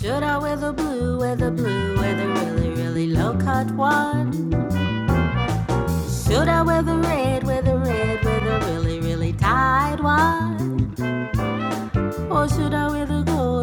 Should I wear the blue, wear the blue, wear the really, really low cut one? Should I wear the red, wear the red, wear the really, really tight one? Or should I wear the gold?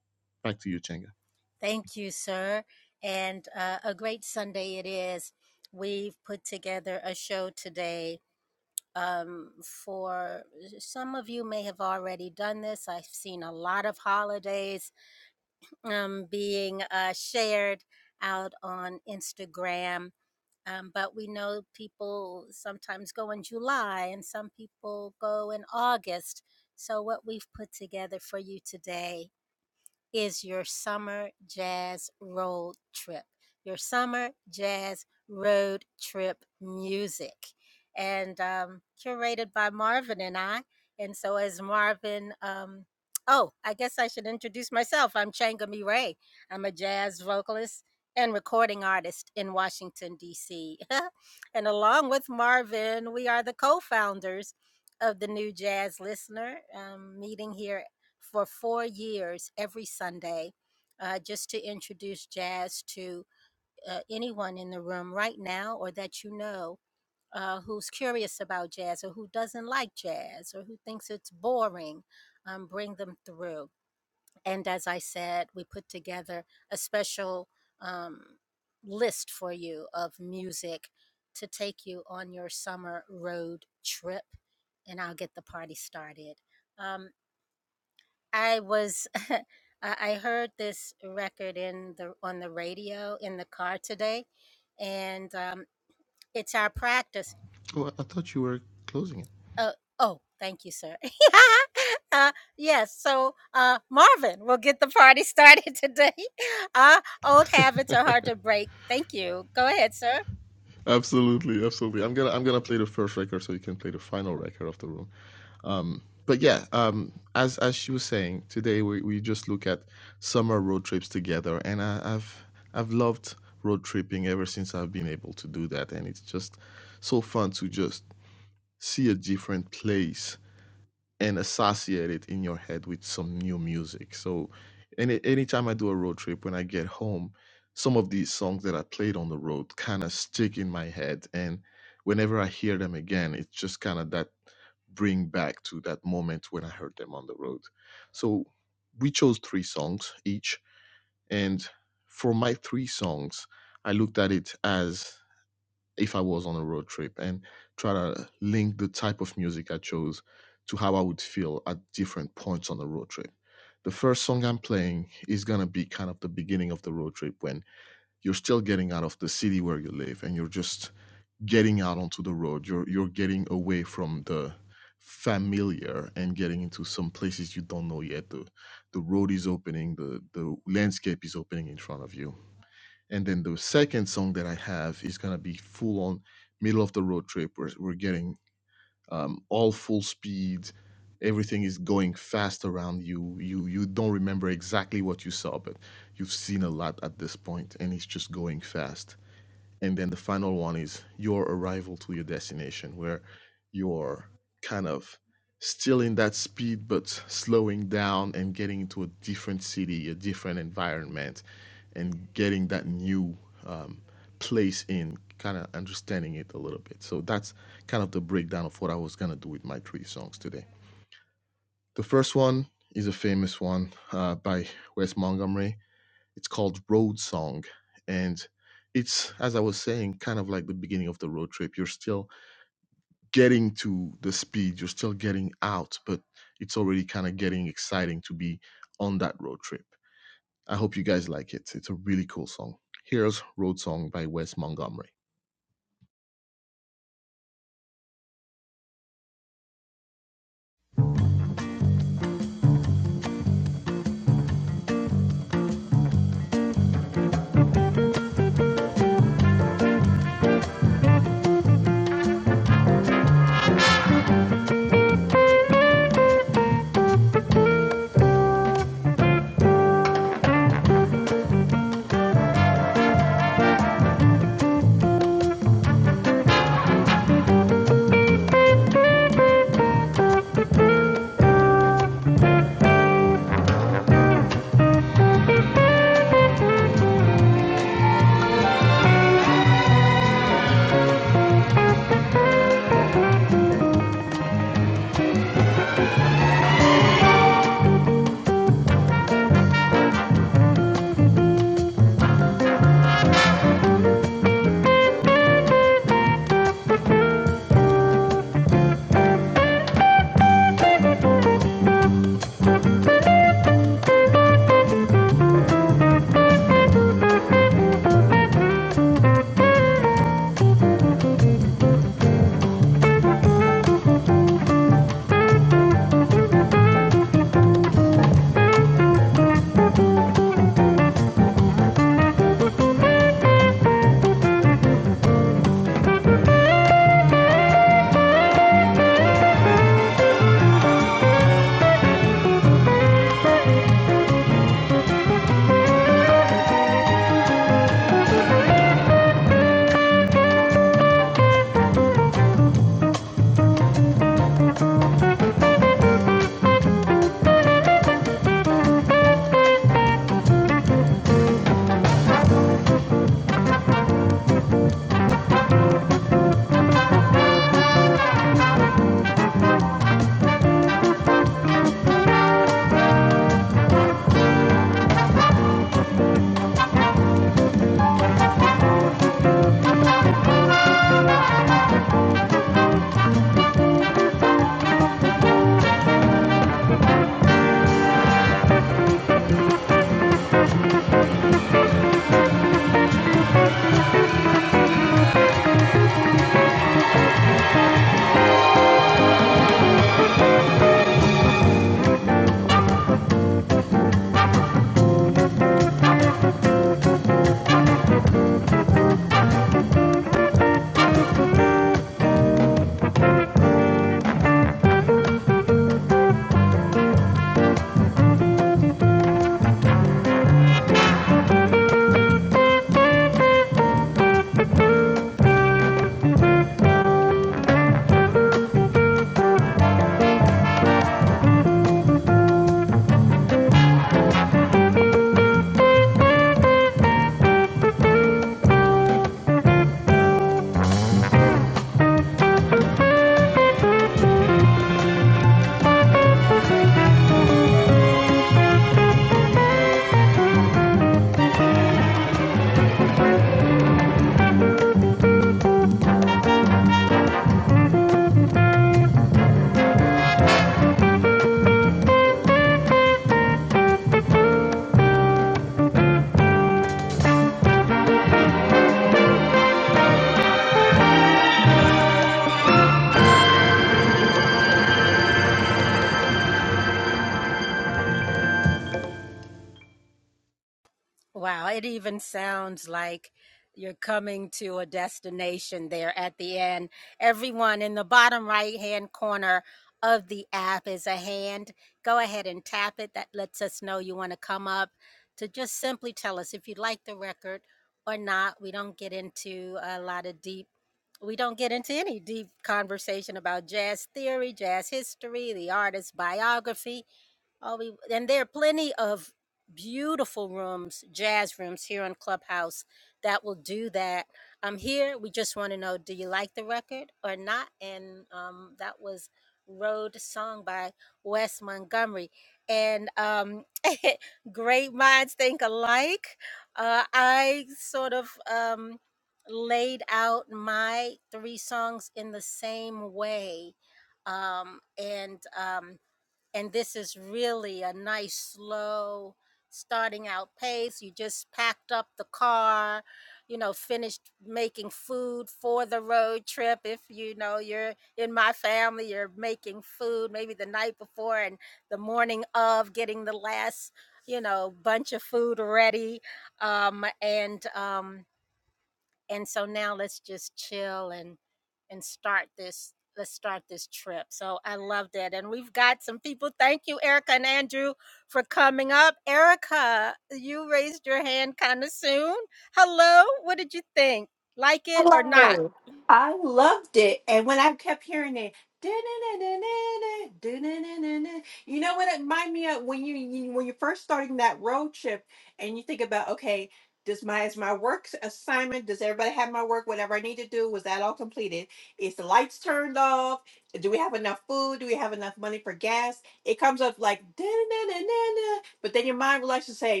Hello. I loved it. And when I kept hearing it, "Da-na-na-na-na-na, da-na-na-na-na," you know what it reminded me of when you, you when you're first starting that road trip and you think about, okay, does my is my work assignment, does everybody have my work, whatever I need to do, was that all completed? Is the lights turned off? Do we have enough food? Do we have enough money for gas? It comes up like "Da-na-na-na-na," but then your mind relaxes and say,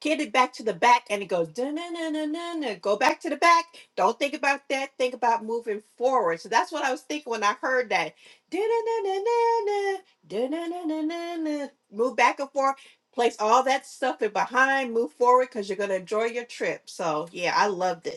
Get it back to the back, and it goes na na na na na. Go back to the back. Don't think about that. Think about moving forward. So that's what I was thinking when I heard that. Na na na na na na na na na. Move back and forth. Place all that stuff in behind. Move forward because you're gonna enjoy your trip. So yeah, I loved it.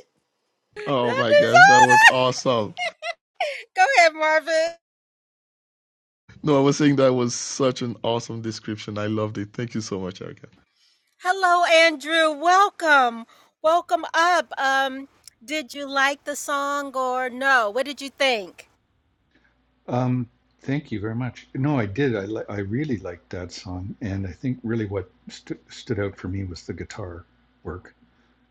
Um, thank you very much. No, I did. I li- I really liked that song, and I think really what st- stood out for me was the guitar work,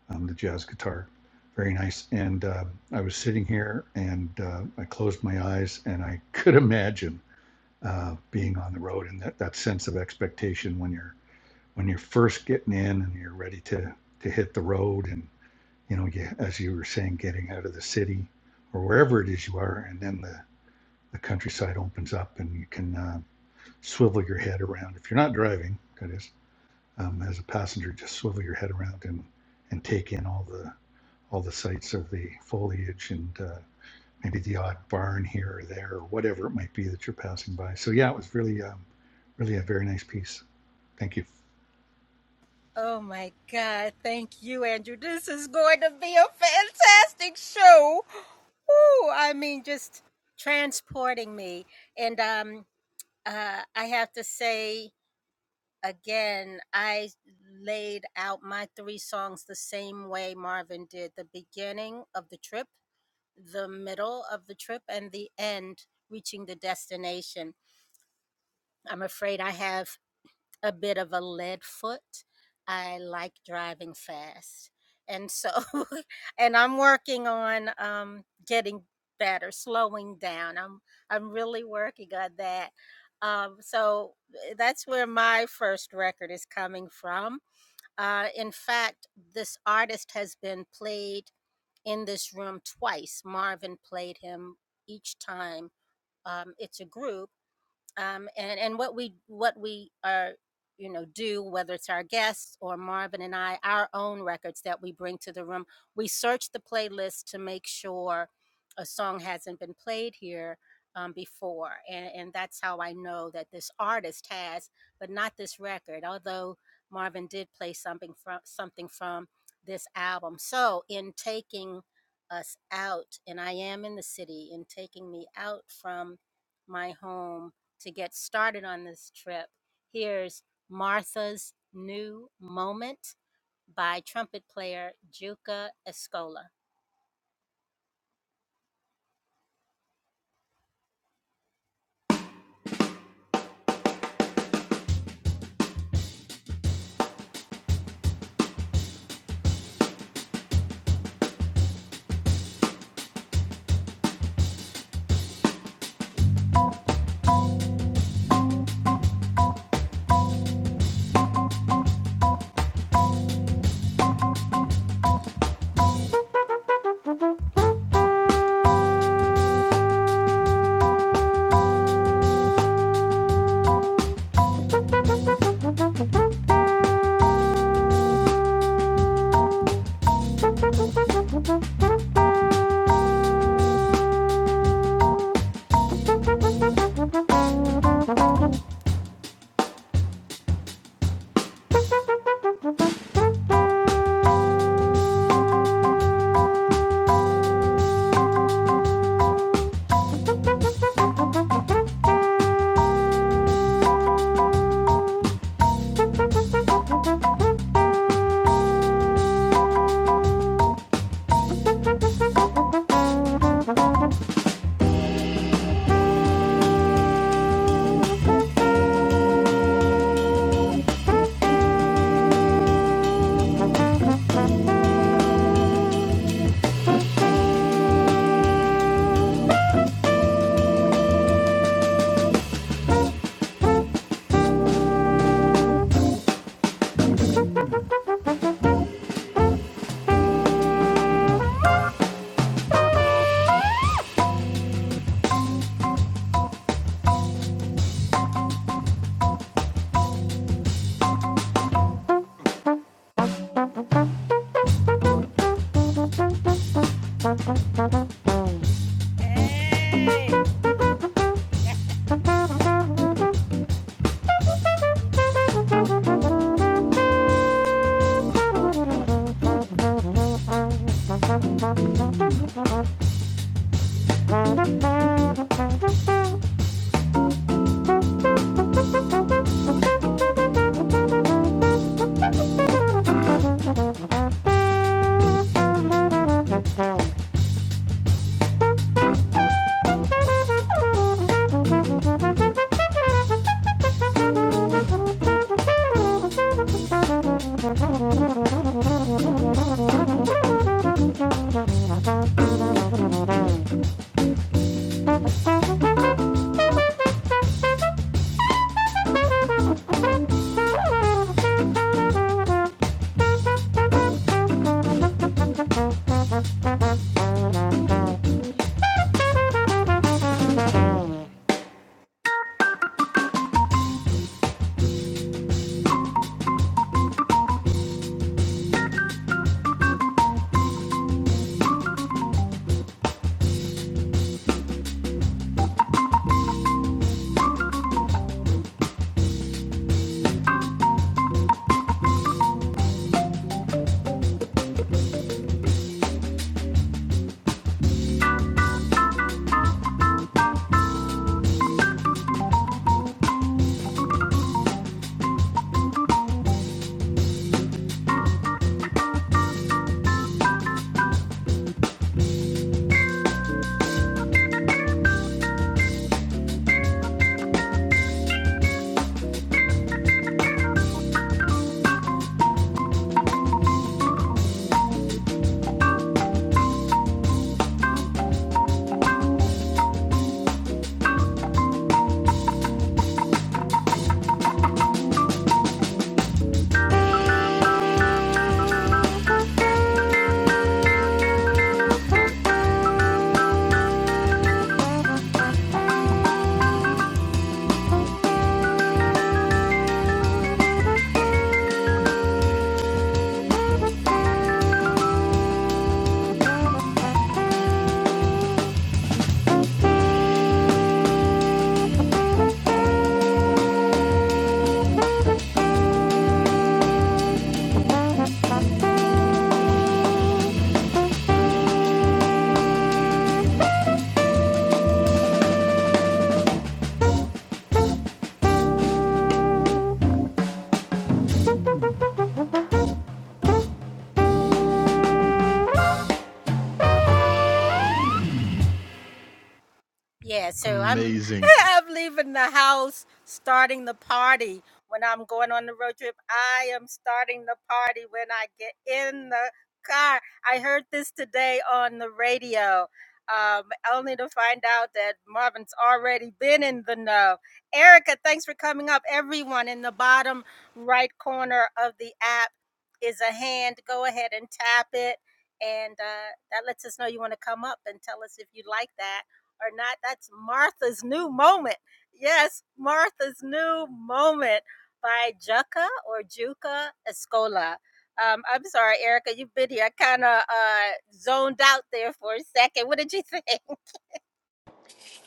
um, the jazz guitar, very nice. And uh, I was sitting here, and uh, I closed my eyes, and I could imagine uh, being on the road and that, that sense of expectation when you're when you're first getting in and you're ready to to hit the road, and you know, you, as you were saying, getting out of the city or wherever it is you are, and then the the countryside opens up and you can uh, swivel your head around. If you're not driving, that is, um, as a passenger, just swivel your head around and, and take in all the all the sights of the foliage and uh, maybe the odd barn here or there or whatever it might be that you're passing by. So yeah, it was really um, really a very nice piece. Thank you. Thank you.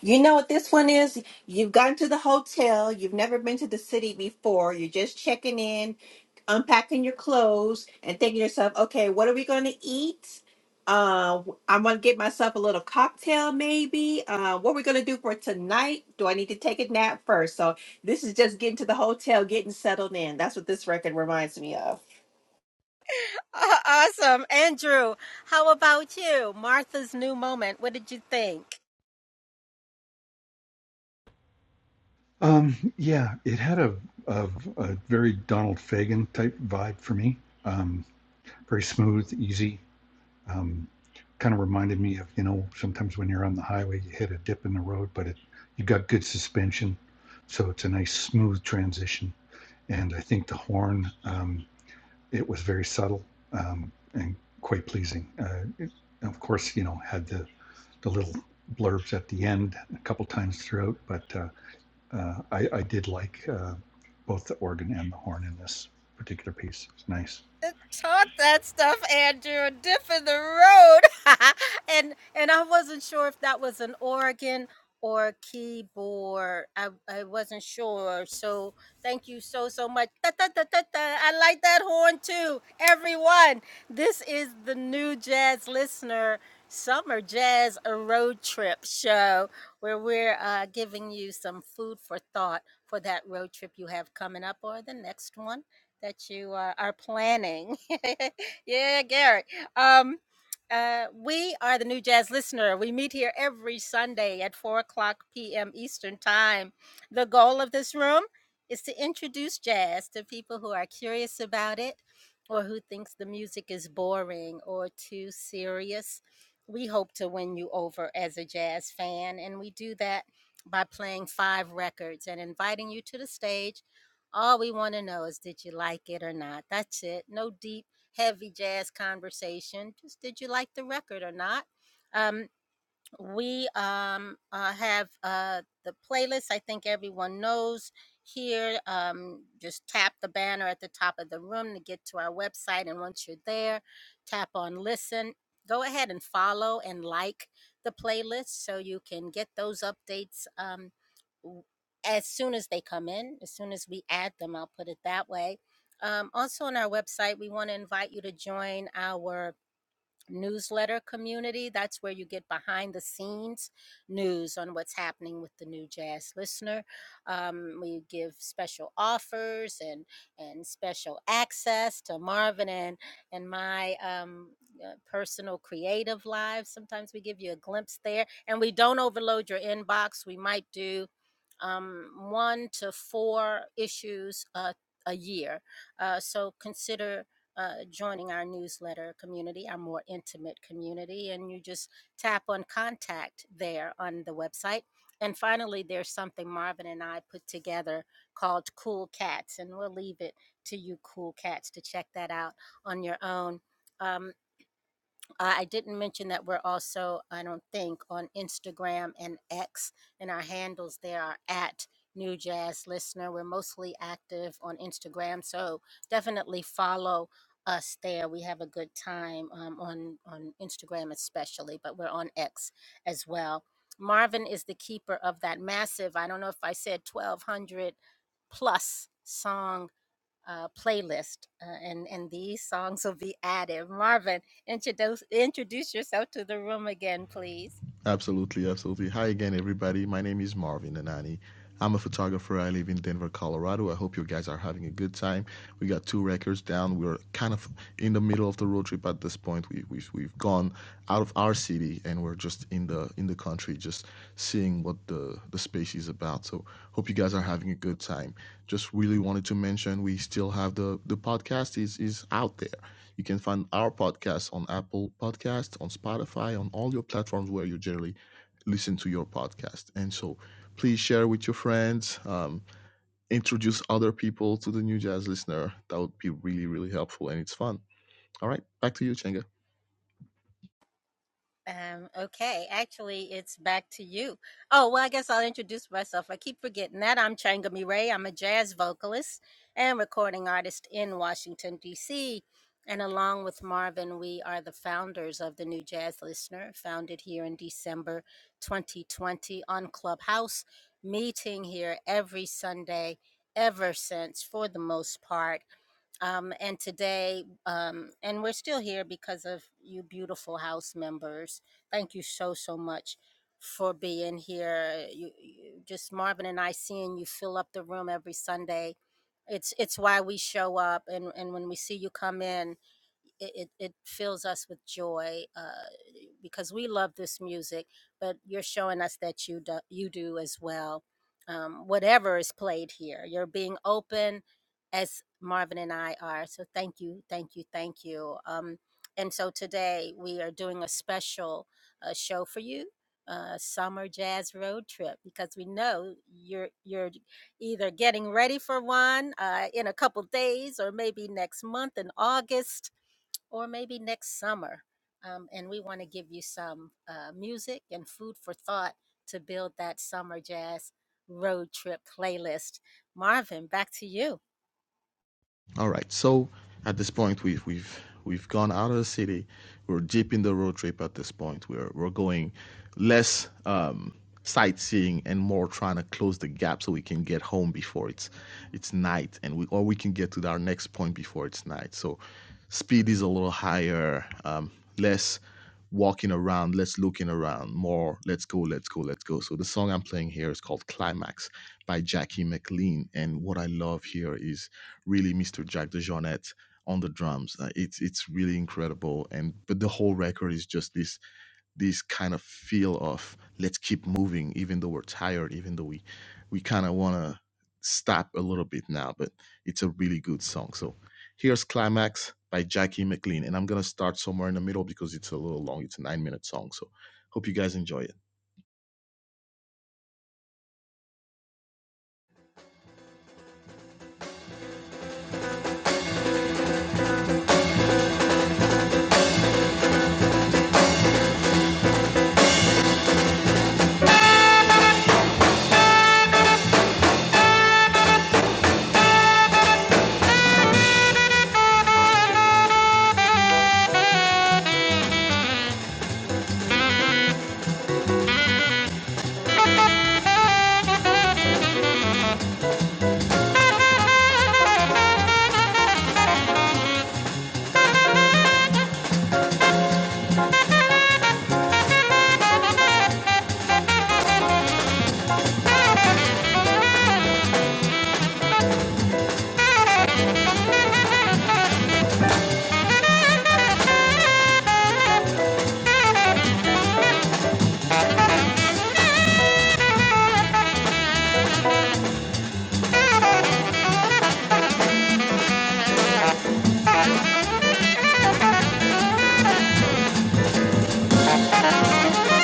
You know what this one is? You've gotten to the hotel, you've never been to the city before, you're just checking in, unpacking your clothes, and thinking to yourself, okay, what are we going to eat? Uh, I'm going to get myself a little cocktail, maybe. Uh, what are we going to do for tonight? Do I need to take a nap first? So, this is just getting to the hotel, getting settled in. That's what this record reminds me of. Um, yeah, it had a, a, a very Donald Fagen type vibe for me. Um, very smooth, easy. um, kind of reminded me of you know sometimes when you're on the highway you hit a dip in the road but it you got good suspension so it's a nice smooth transition and i think the horn um, it was very subtle um, and quite pleasing uh, it, of course you know had the the little blurbs at the end a couple times throughout but uh, uh, I, I did like uh, both the organ and the horn in this particular piece it's nice Thank you.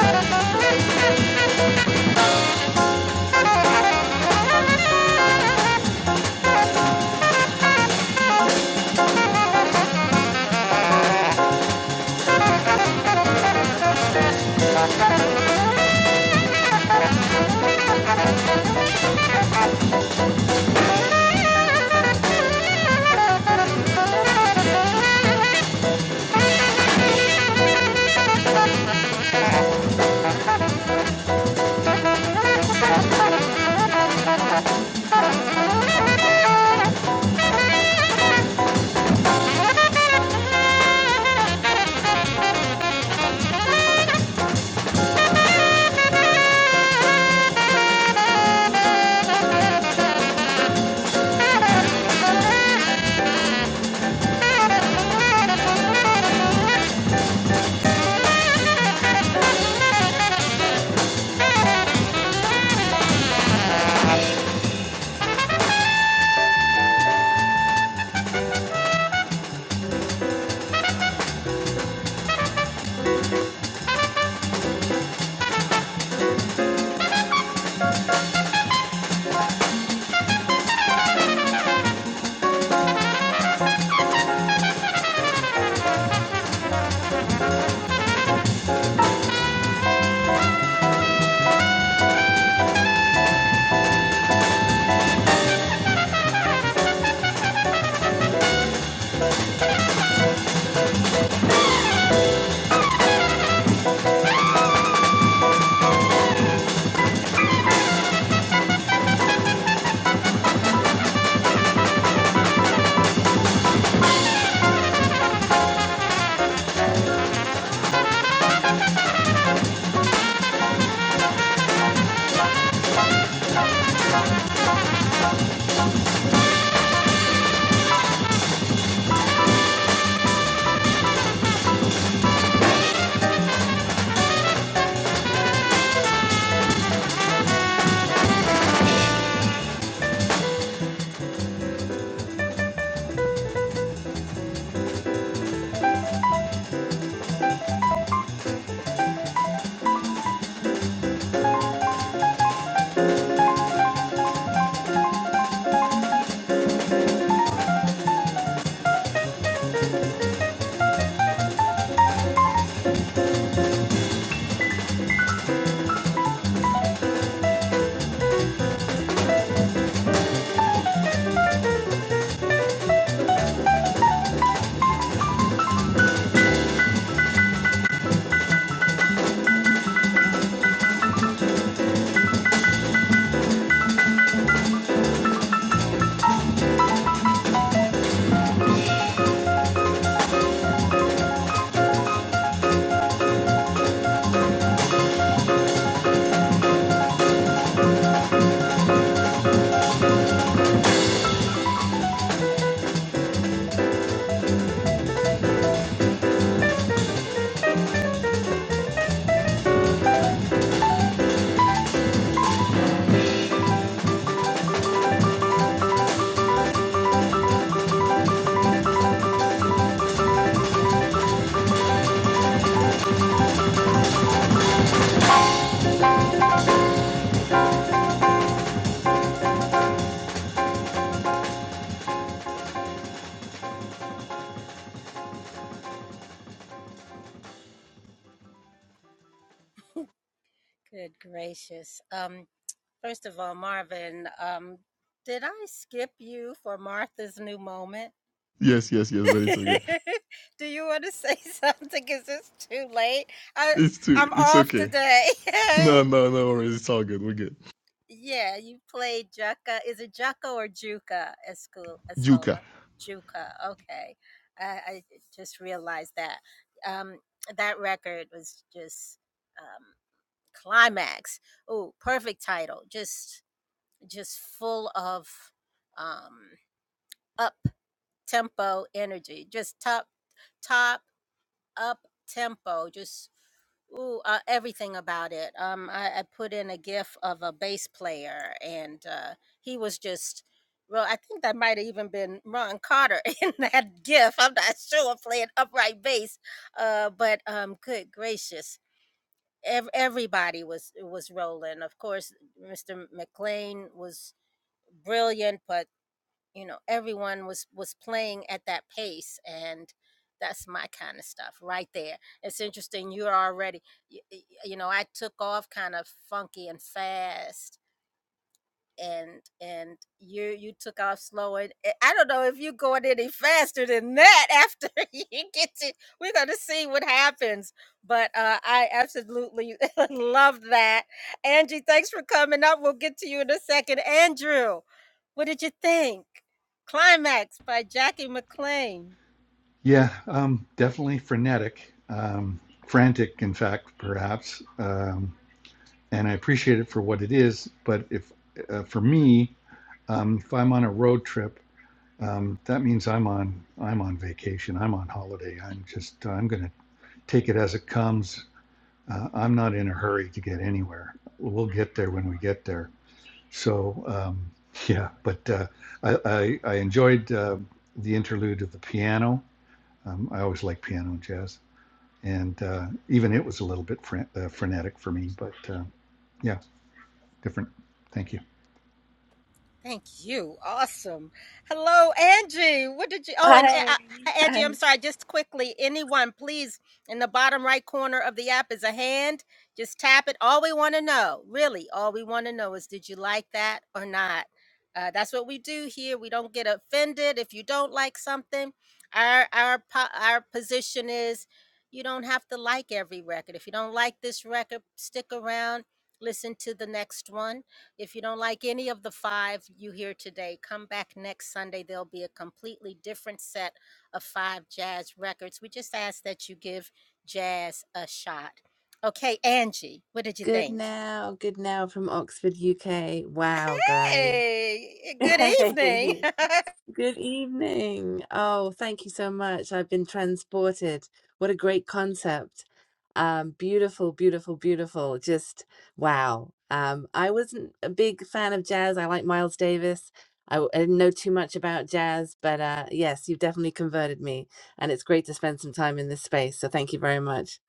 Thank you. Thank you. Thank yeah, um, definitely frenetic, um, frantic, in fact, perhaps. Um, and I appreciate it for what it is. But if uh, for me, um, if I'm on a road trip, um, that means I'm on I'm on vacation. I'm on holiday. I'm just I'm going to take it as it comes. Uh, I'm not in a hurry to get anywhere. We'll get there when we get there. So um, yeah, but uh, I, I I enjoyed uh, the interlude of the piano. Um, I always like piano and jazz, and uh, even it was a little bit fren- uh, frenetic for me. But uh, yeah, different. Thank you. Hi. Hi. Good now. Good now from Oxford, UK. Wow, guys. Good evening. Oh, thank you so much. I've been transported. What a great concept. Um, beautiful, beautiful, beautiful. Just wow. Um, I wasn't a big fan of jazz. I like Miles Davis. I, w- I didn't know too much about jazz, but uh, yes, you've definitely converted me, and it's great to spend some time in this space. So thank you very much.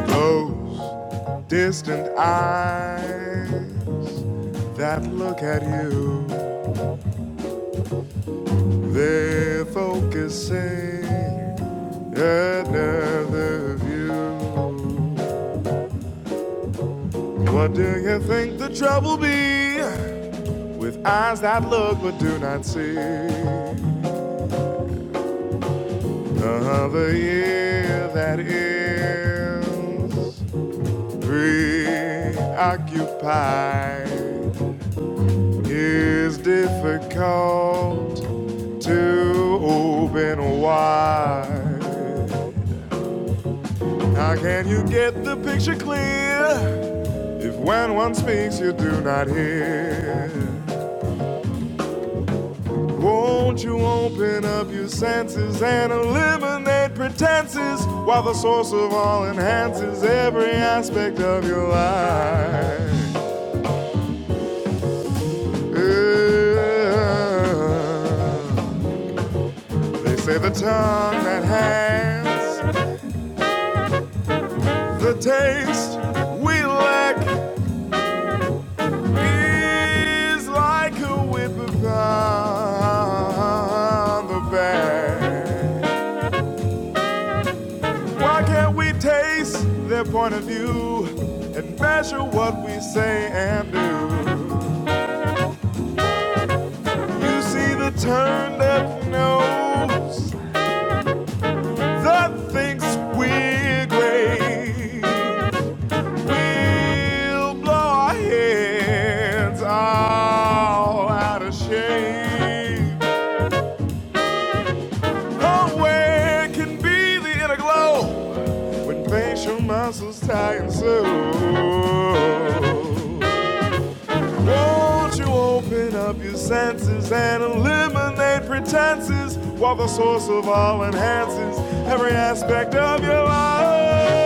Those distant eyes that look at you, they're focusing another view. What do you think the trouble be with eyes that look but do not see? Another year that ends. preoccupied. It's difficult to open wide. How can you get the picture clear if when one speaks you do not hear? Won't you open up your senses and eliminate pretenses while the source of all enhances every aspect of your life? Uh, they say the tongue that has the taste we lack is like a whip upon the back. Why can't we taste their point of view and measure what we say and do? You see the turned up nose that thinks we're great. We'll blow our heads all out of shape. Oh, where can be the inner glow when facial muscles tighten so? Won't you open up your senses and eliminate pretenses while the source of all enhances every aspect of your life?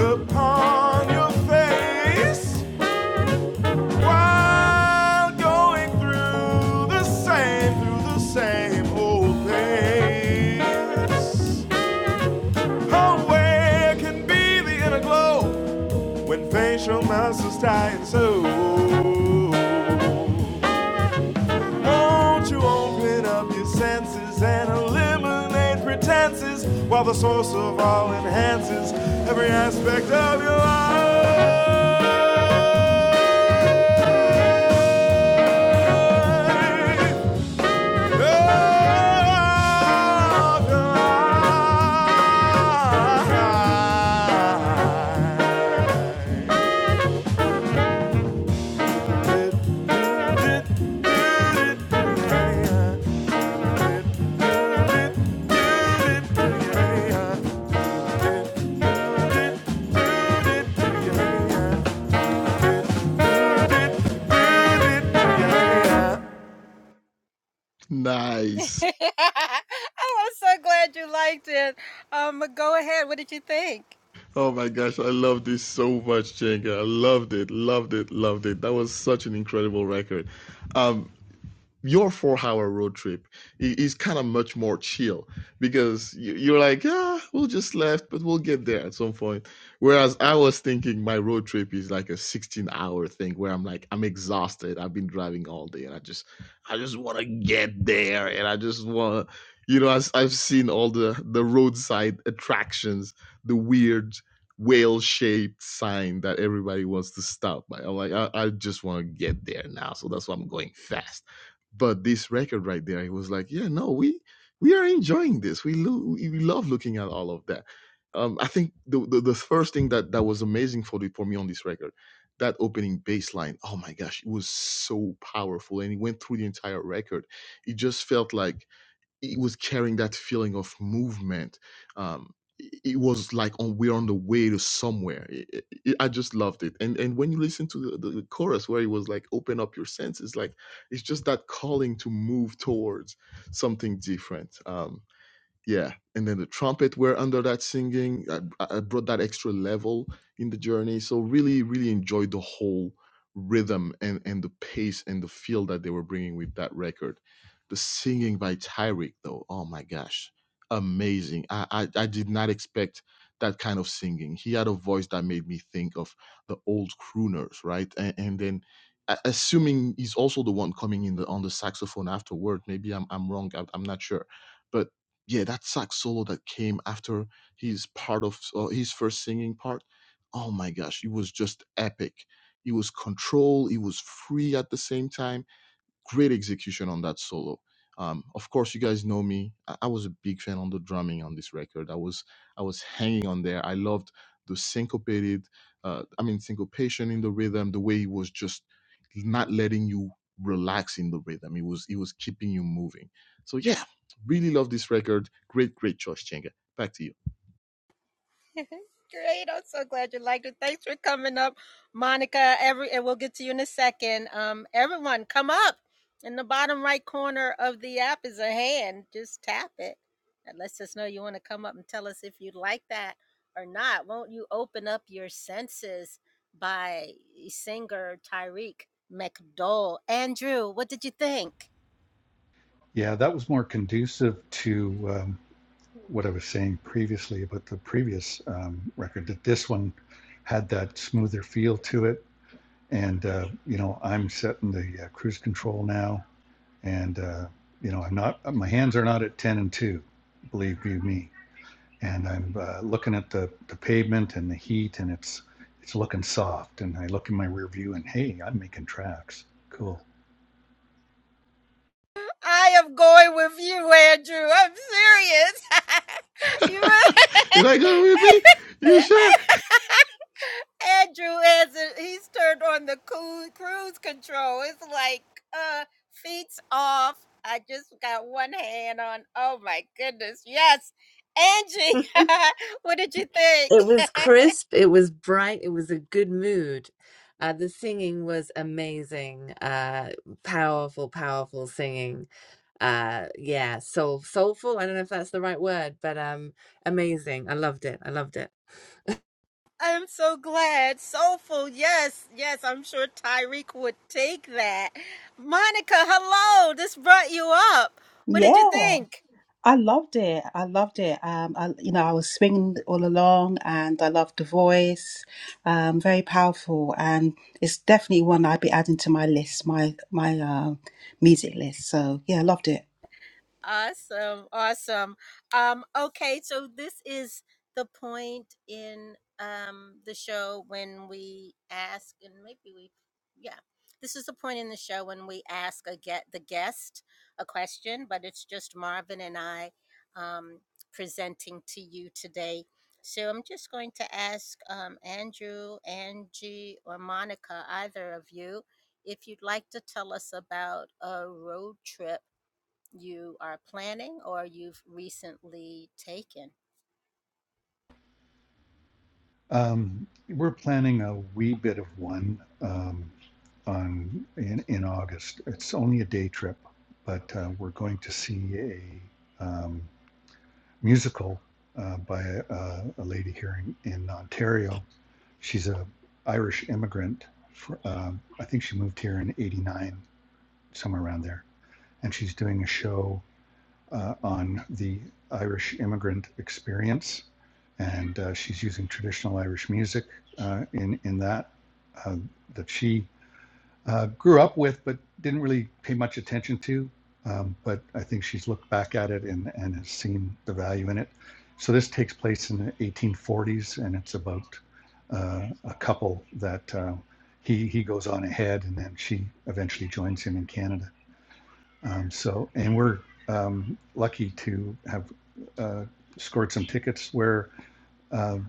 Upon your face while going through the same, through the same old things. Homeway can be the inner glow. when facial muscles tighten so. Won't you open up your senses and eliminate pretenses while the source of all enhances every aspect of your life? Of your Yeah, that was more conducive to um, what I was saying previously about the previous um, record. That this one had that smoother feel to it, and uh, you know I'm setting the uh, cruise control now, and uh, you know, I'm not. My hands are not at ten and two, believe you me. And I'm uh, looking at the the pavement and the heat, and it's it's looking soft. And I look in my rear view, and hey, I'm making tracks. Cool. It was crisp, it was bright, it was a good mood. Uh, the singing was amazing. Uh, powerful, powerful singing. Uh, yeah, soul, soulful. I don't know if that's the right word, but um, amazing. I loved it. I loved it. Yeah, I loved it. I loved it. Um, I, you know, I was swinging all along, and I loved the voice. Um, very powerful, and it's definitely one I'd be adding to my list, my my uh, music list. So yeah, I loved it. Um, we're planning a wee bit of one um, on in in August. It's only a day trip, but uh, we're going to see a um, musical uh, by a, uh, a- lady here in, in Ontario. She's a Irish immigrant. For, um, I think she moved here in '89, somewhere around there, and she's doing a show uh, on the Irish immigrant experience, and uh, she's using traditional Irish music uh, in in that uh, that she uh, grew up with, but didn't really pay much attention to. Um, but I think she's looked back at it and, and has seen the value in it. So this takes place in the 1840s, and it's about uh, a couple that uh, he he goes on ahead, and then she eventually joins him in Canada. Um, so, and we're um, lucky to have uh, scored some tickets where um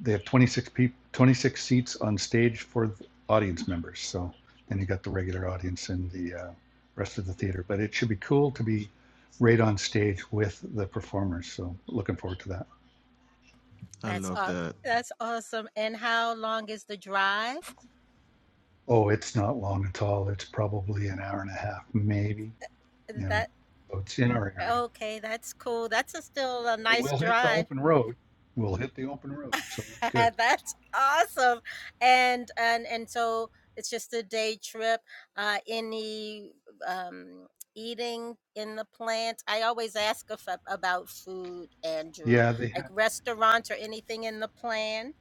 they have 26 people, 26 seats on stage for audience members. So then you got the regular audience and the uh, rest of the theater. But it should be cool to be right on stage with the performers. So looking forward to that. Oh, it's not long at all. It's probably an hour and a half, maybe. You know, so it's in our area. But we'll hit the open road. We'll hit the open road. So that's good. Yeah, they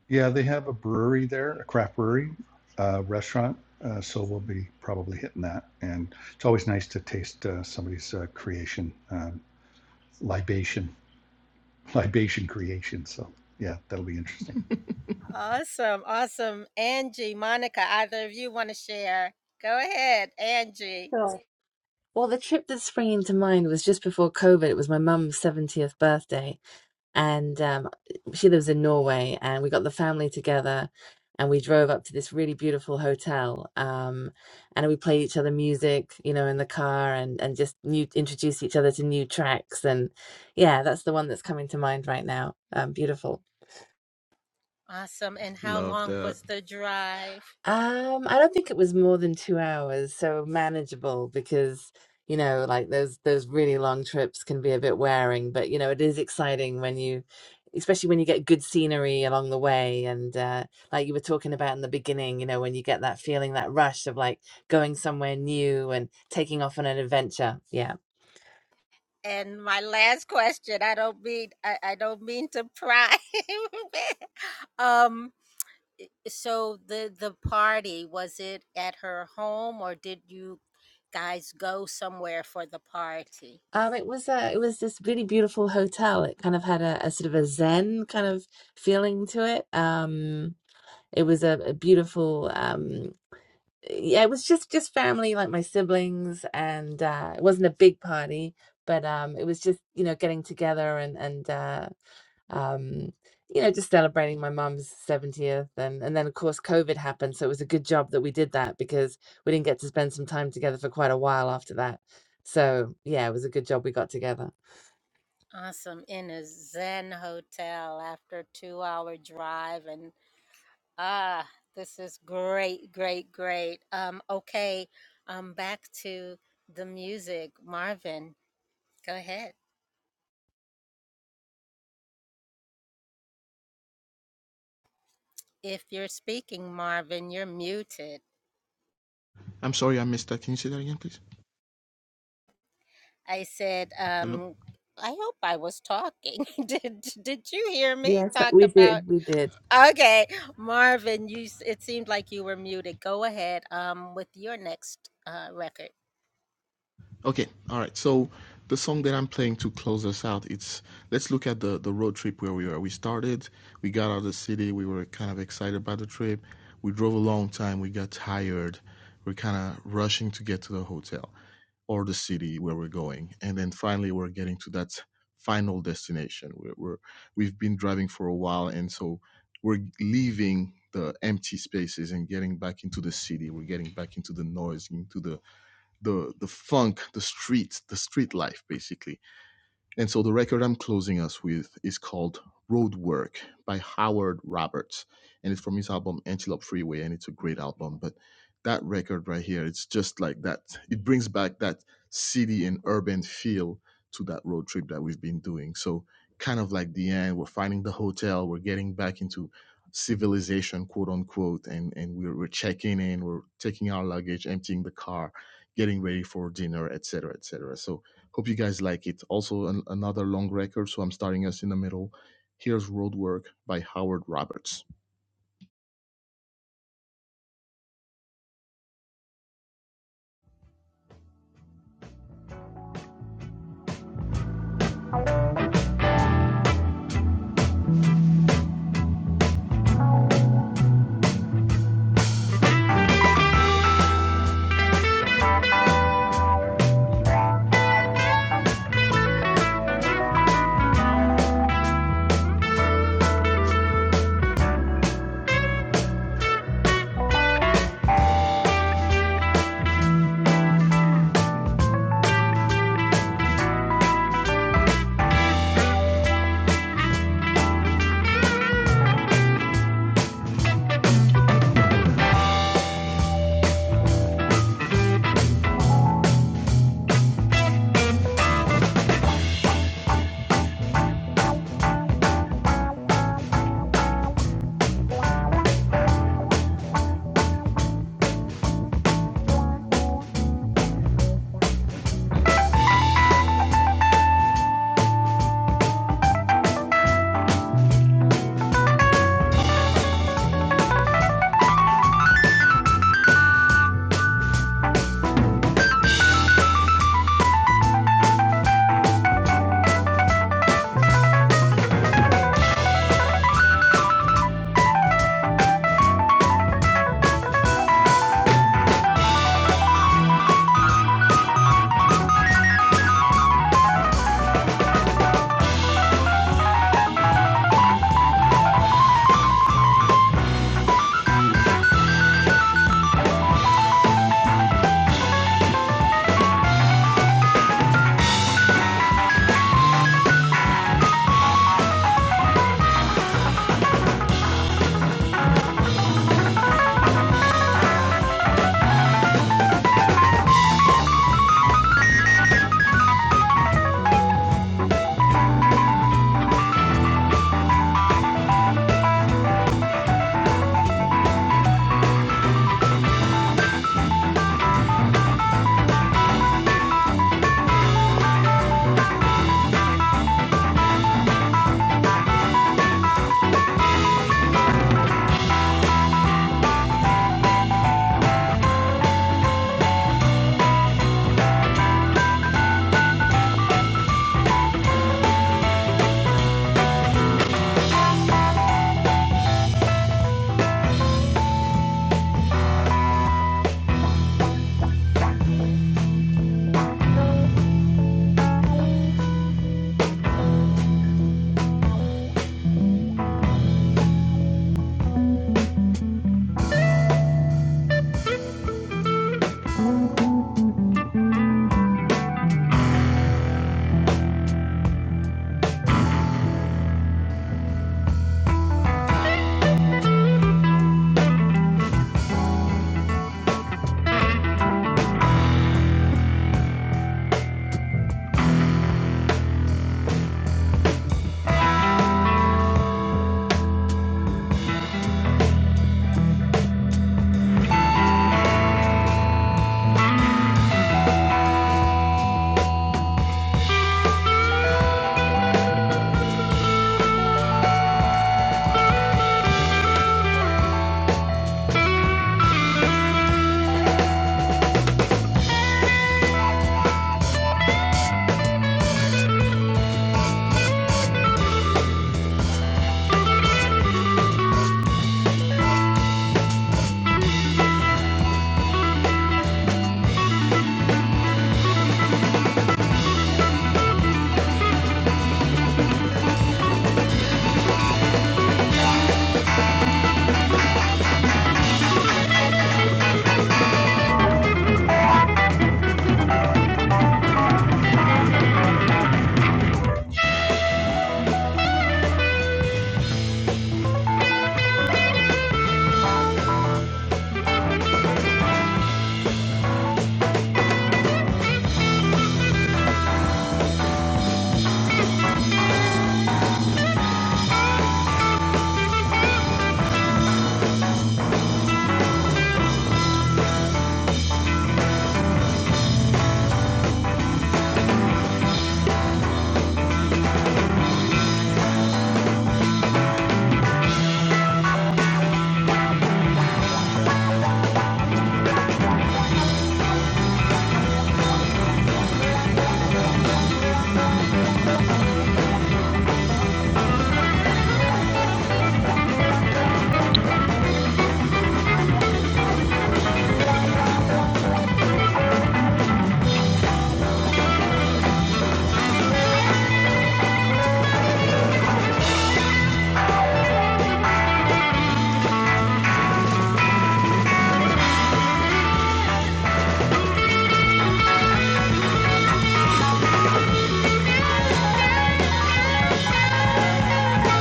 Yeah, they have a brewery there, a craft brewery, uh, restaurant. Uh, so we'll be probably hitting that. And it's always nice to taste uh, somebody's uh, creation, um, libation, libation creation. So yeah, that'll be interesting. Sure. Well, the trip that's springing to mind was just before COVID. It was my mum's 70th birthday. and um, she lives in Norway. And we got the family together, and we drove up to this really beautiful hotel, um, and we played each other music, you know, in the car, and and just new introduce each other to new tracks. And yeah, that's the one that's coming to mind right now. Um, beautiful. Um, I don't think it was more than two hours, so manageable because, you know, like those those really long trips can be a bit wearing, but you know, it is exciting when you, especially when you get good scenery along the way and uh like you were talking about in the beginning, you know, when you get that feeling, that rush of like going somewhere new and taking off on an adventure. Yeah. Um, it was uh, it was this really beautiful hotel. It kind of had a, a sort of a zen kind of feeling to it. Um, it was a, a beautiful. Um, yeah, it was just just family, like my siblings, and uh, it wasn't a big party, but um, it was just you know getting together and and uh, um, you know just celebrating my mum's seventieth, and and then of course COVID happened, so it was a good job that we did that because we didn't get to spend some time together for quite a while after that. So yeah, it was a good job we got together. Yes, we did, we did.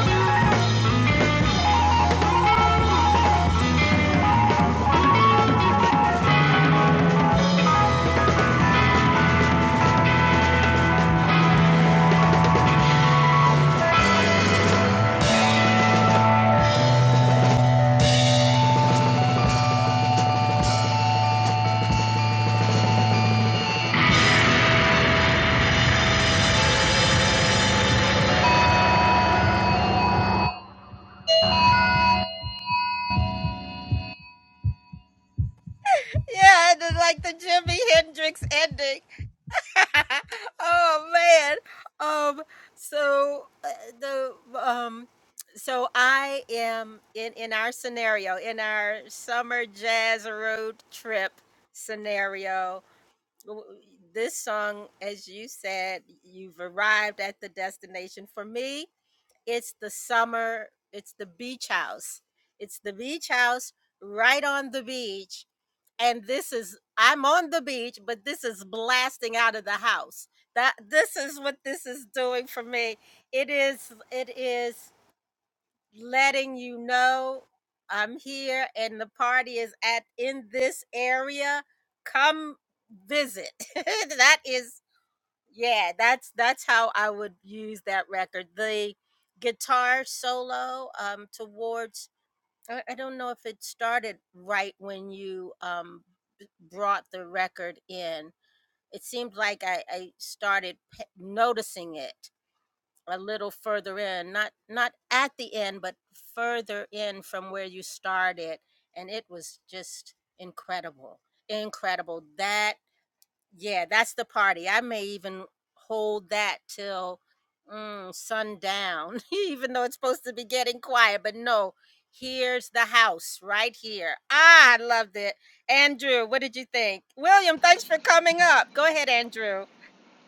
you.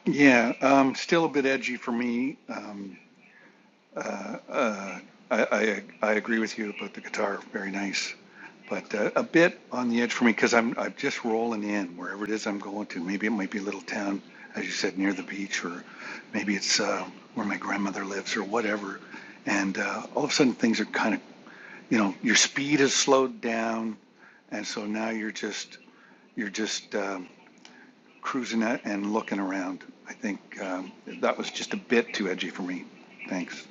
Yeah, um, still a bit edgy for me. Um, Uh, uh, I, I, I agree with you about the guitar, very nice. But uh, a bit on the edge for me because I'm, I'm just rolling in wherever it is I'm going to. Maybe it might be a little town, as you said, near the beach, or maybe it's uh, where my grandmother lives or whatever. And uh, all of a sudden things are kind of, you know, your speed has slowed down. And so now you're just, you're just um, cruising a- and looking around. I think um, that was just a bit too edgy for me. Thanks.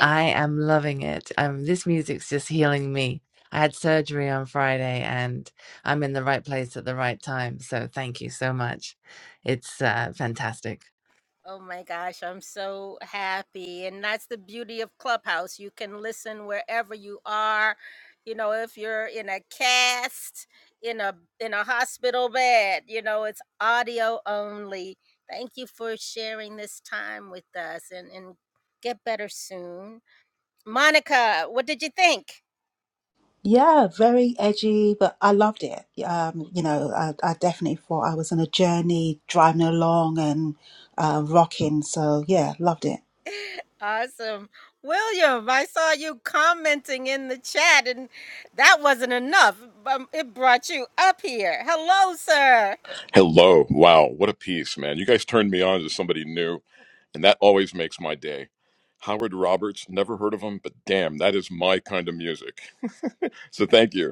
I am loving it. Um, this music's just healing me. I had surgery on Friday and I'm in the right place at the right time. So thank you so much. It's uh, fantastic. Yeah, very edgy, but I loved it. Um, you know, I, I definitely thought I was on a journey, driving along and uh, rocking. So yeah, loved it. Hello. Wow. What a piece, man. You guys turned me on to somebody new, and that always makes my day. Howard Roberts, never heard of him, but damn, that is my kind of music. so thank you.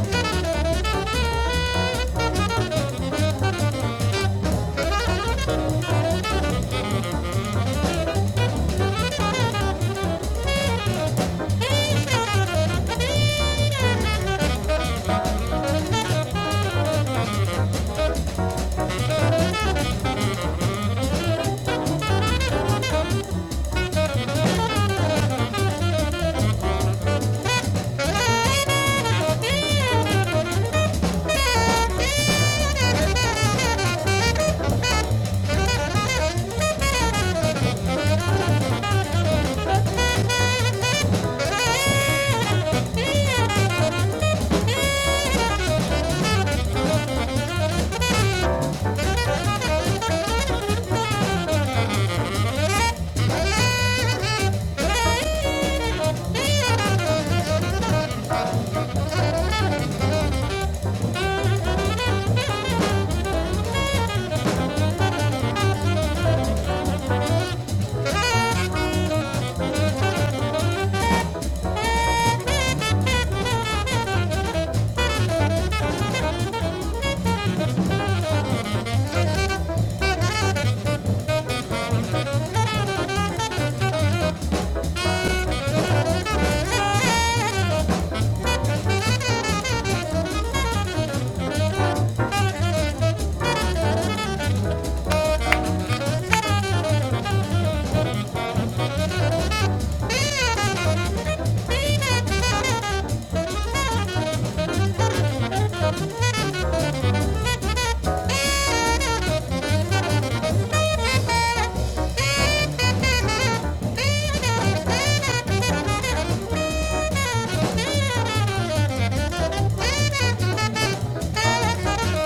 Thank you. Thank you. Thank you. Thank you.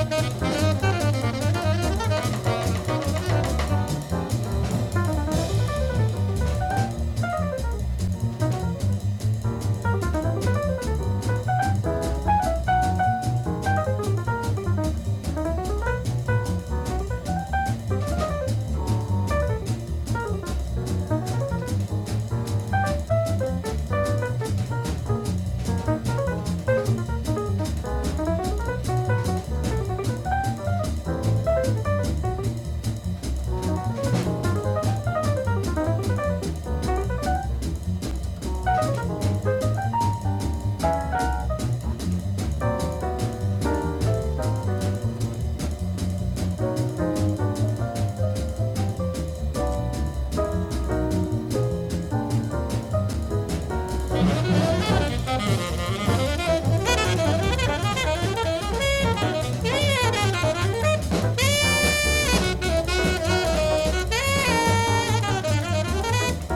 Thank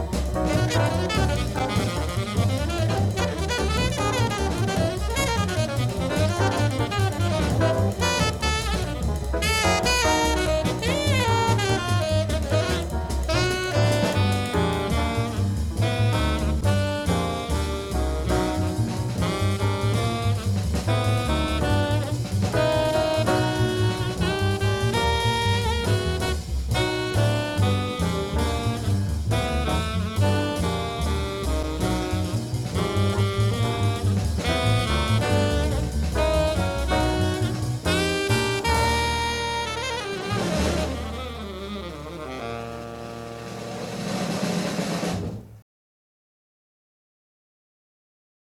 you.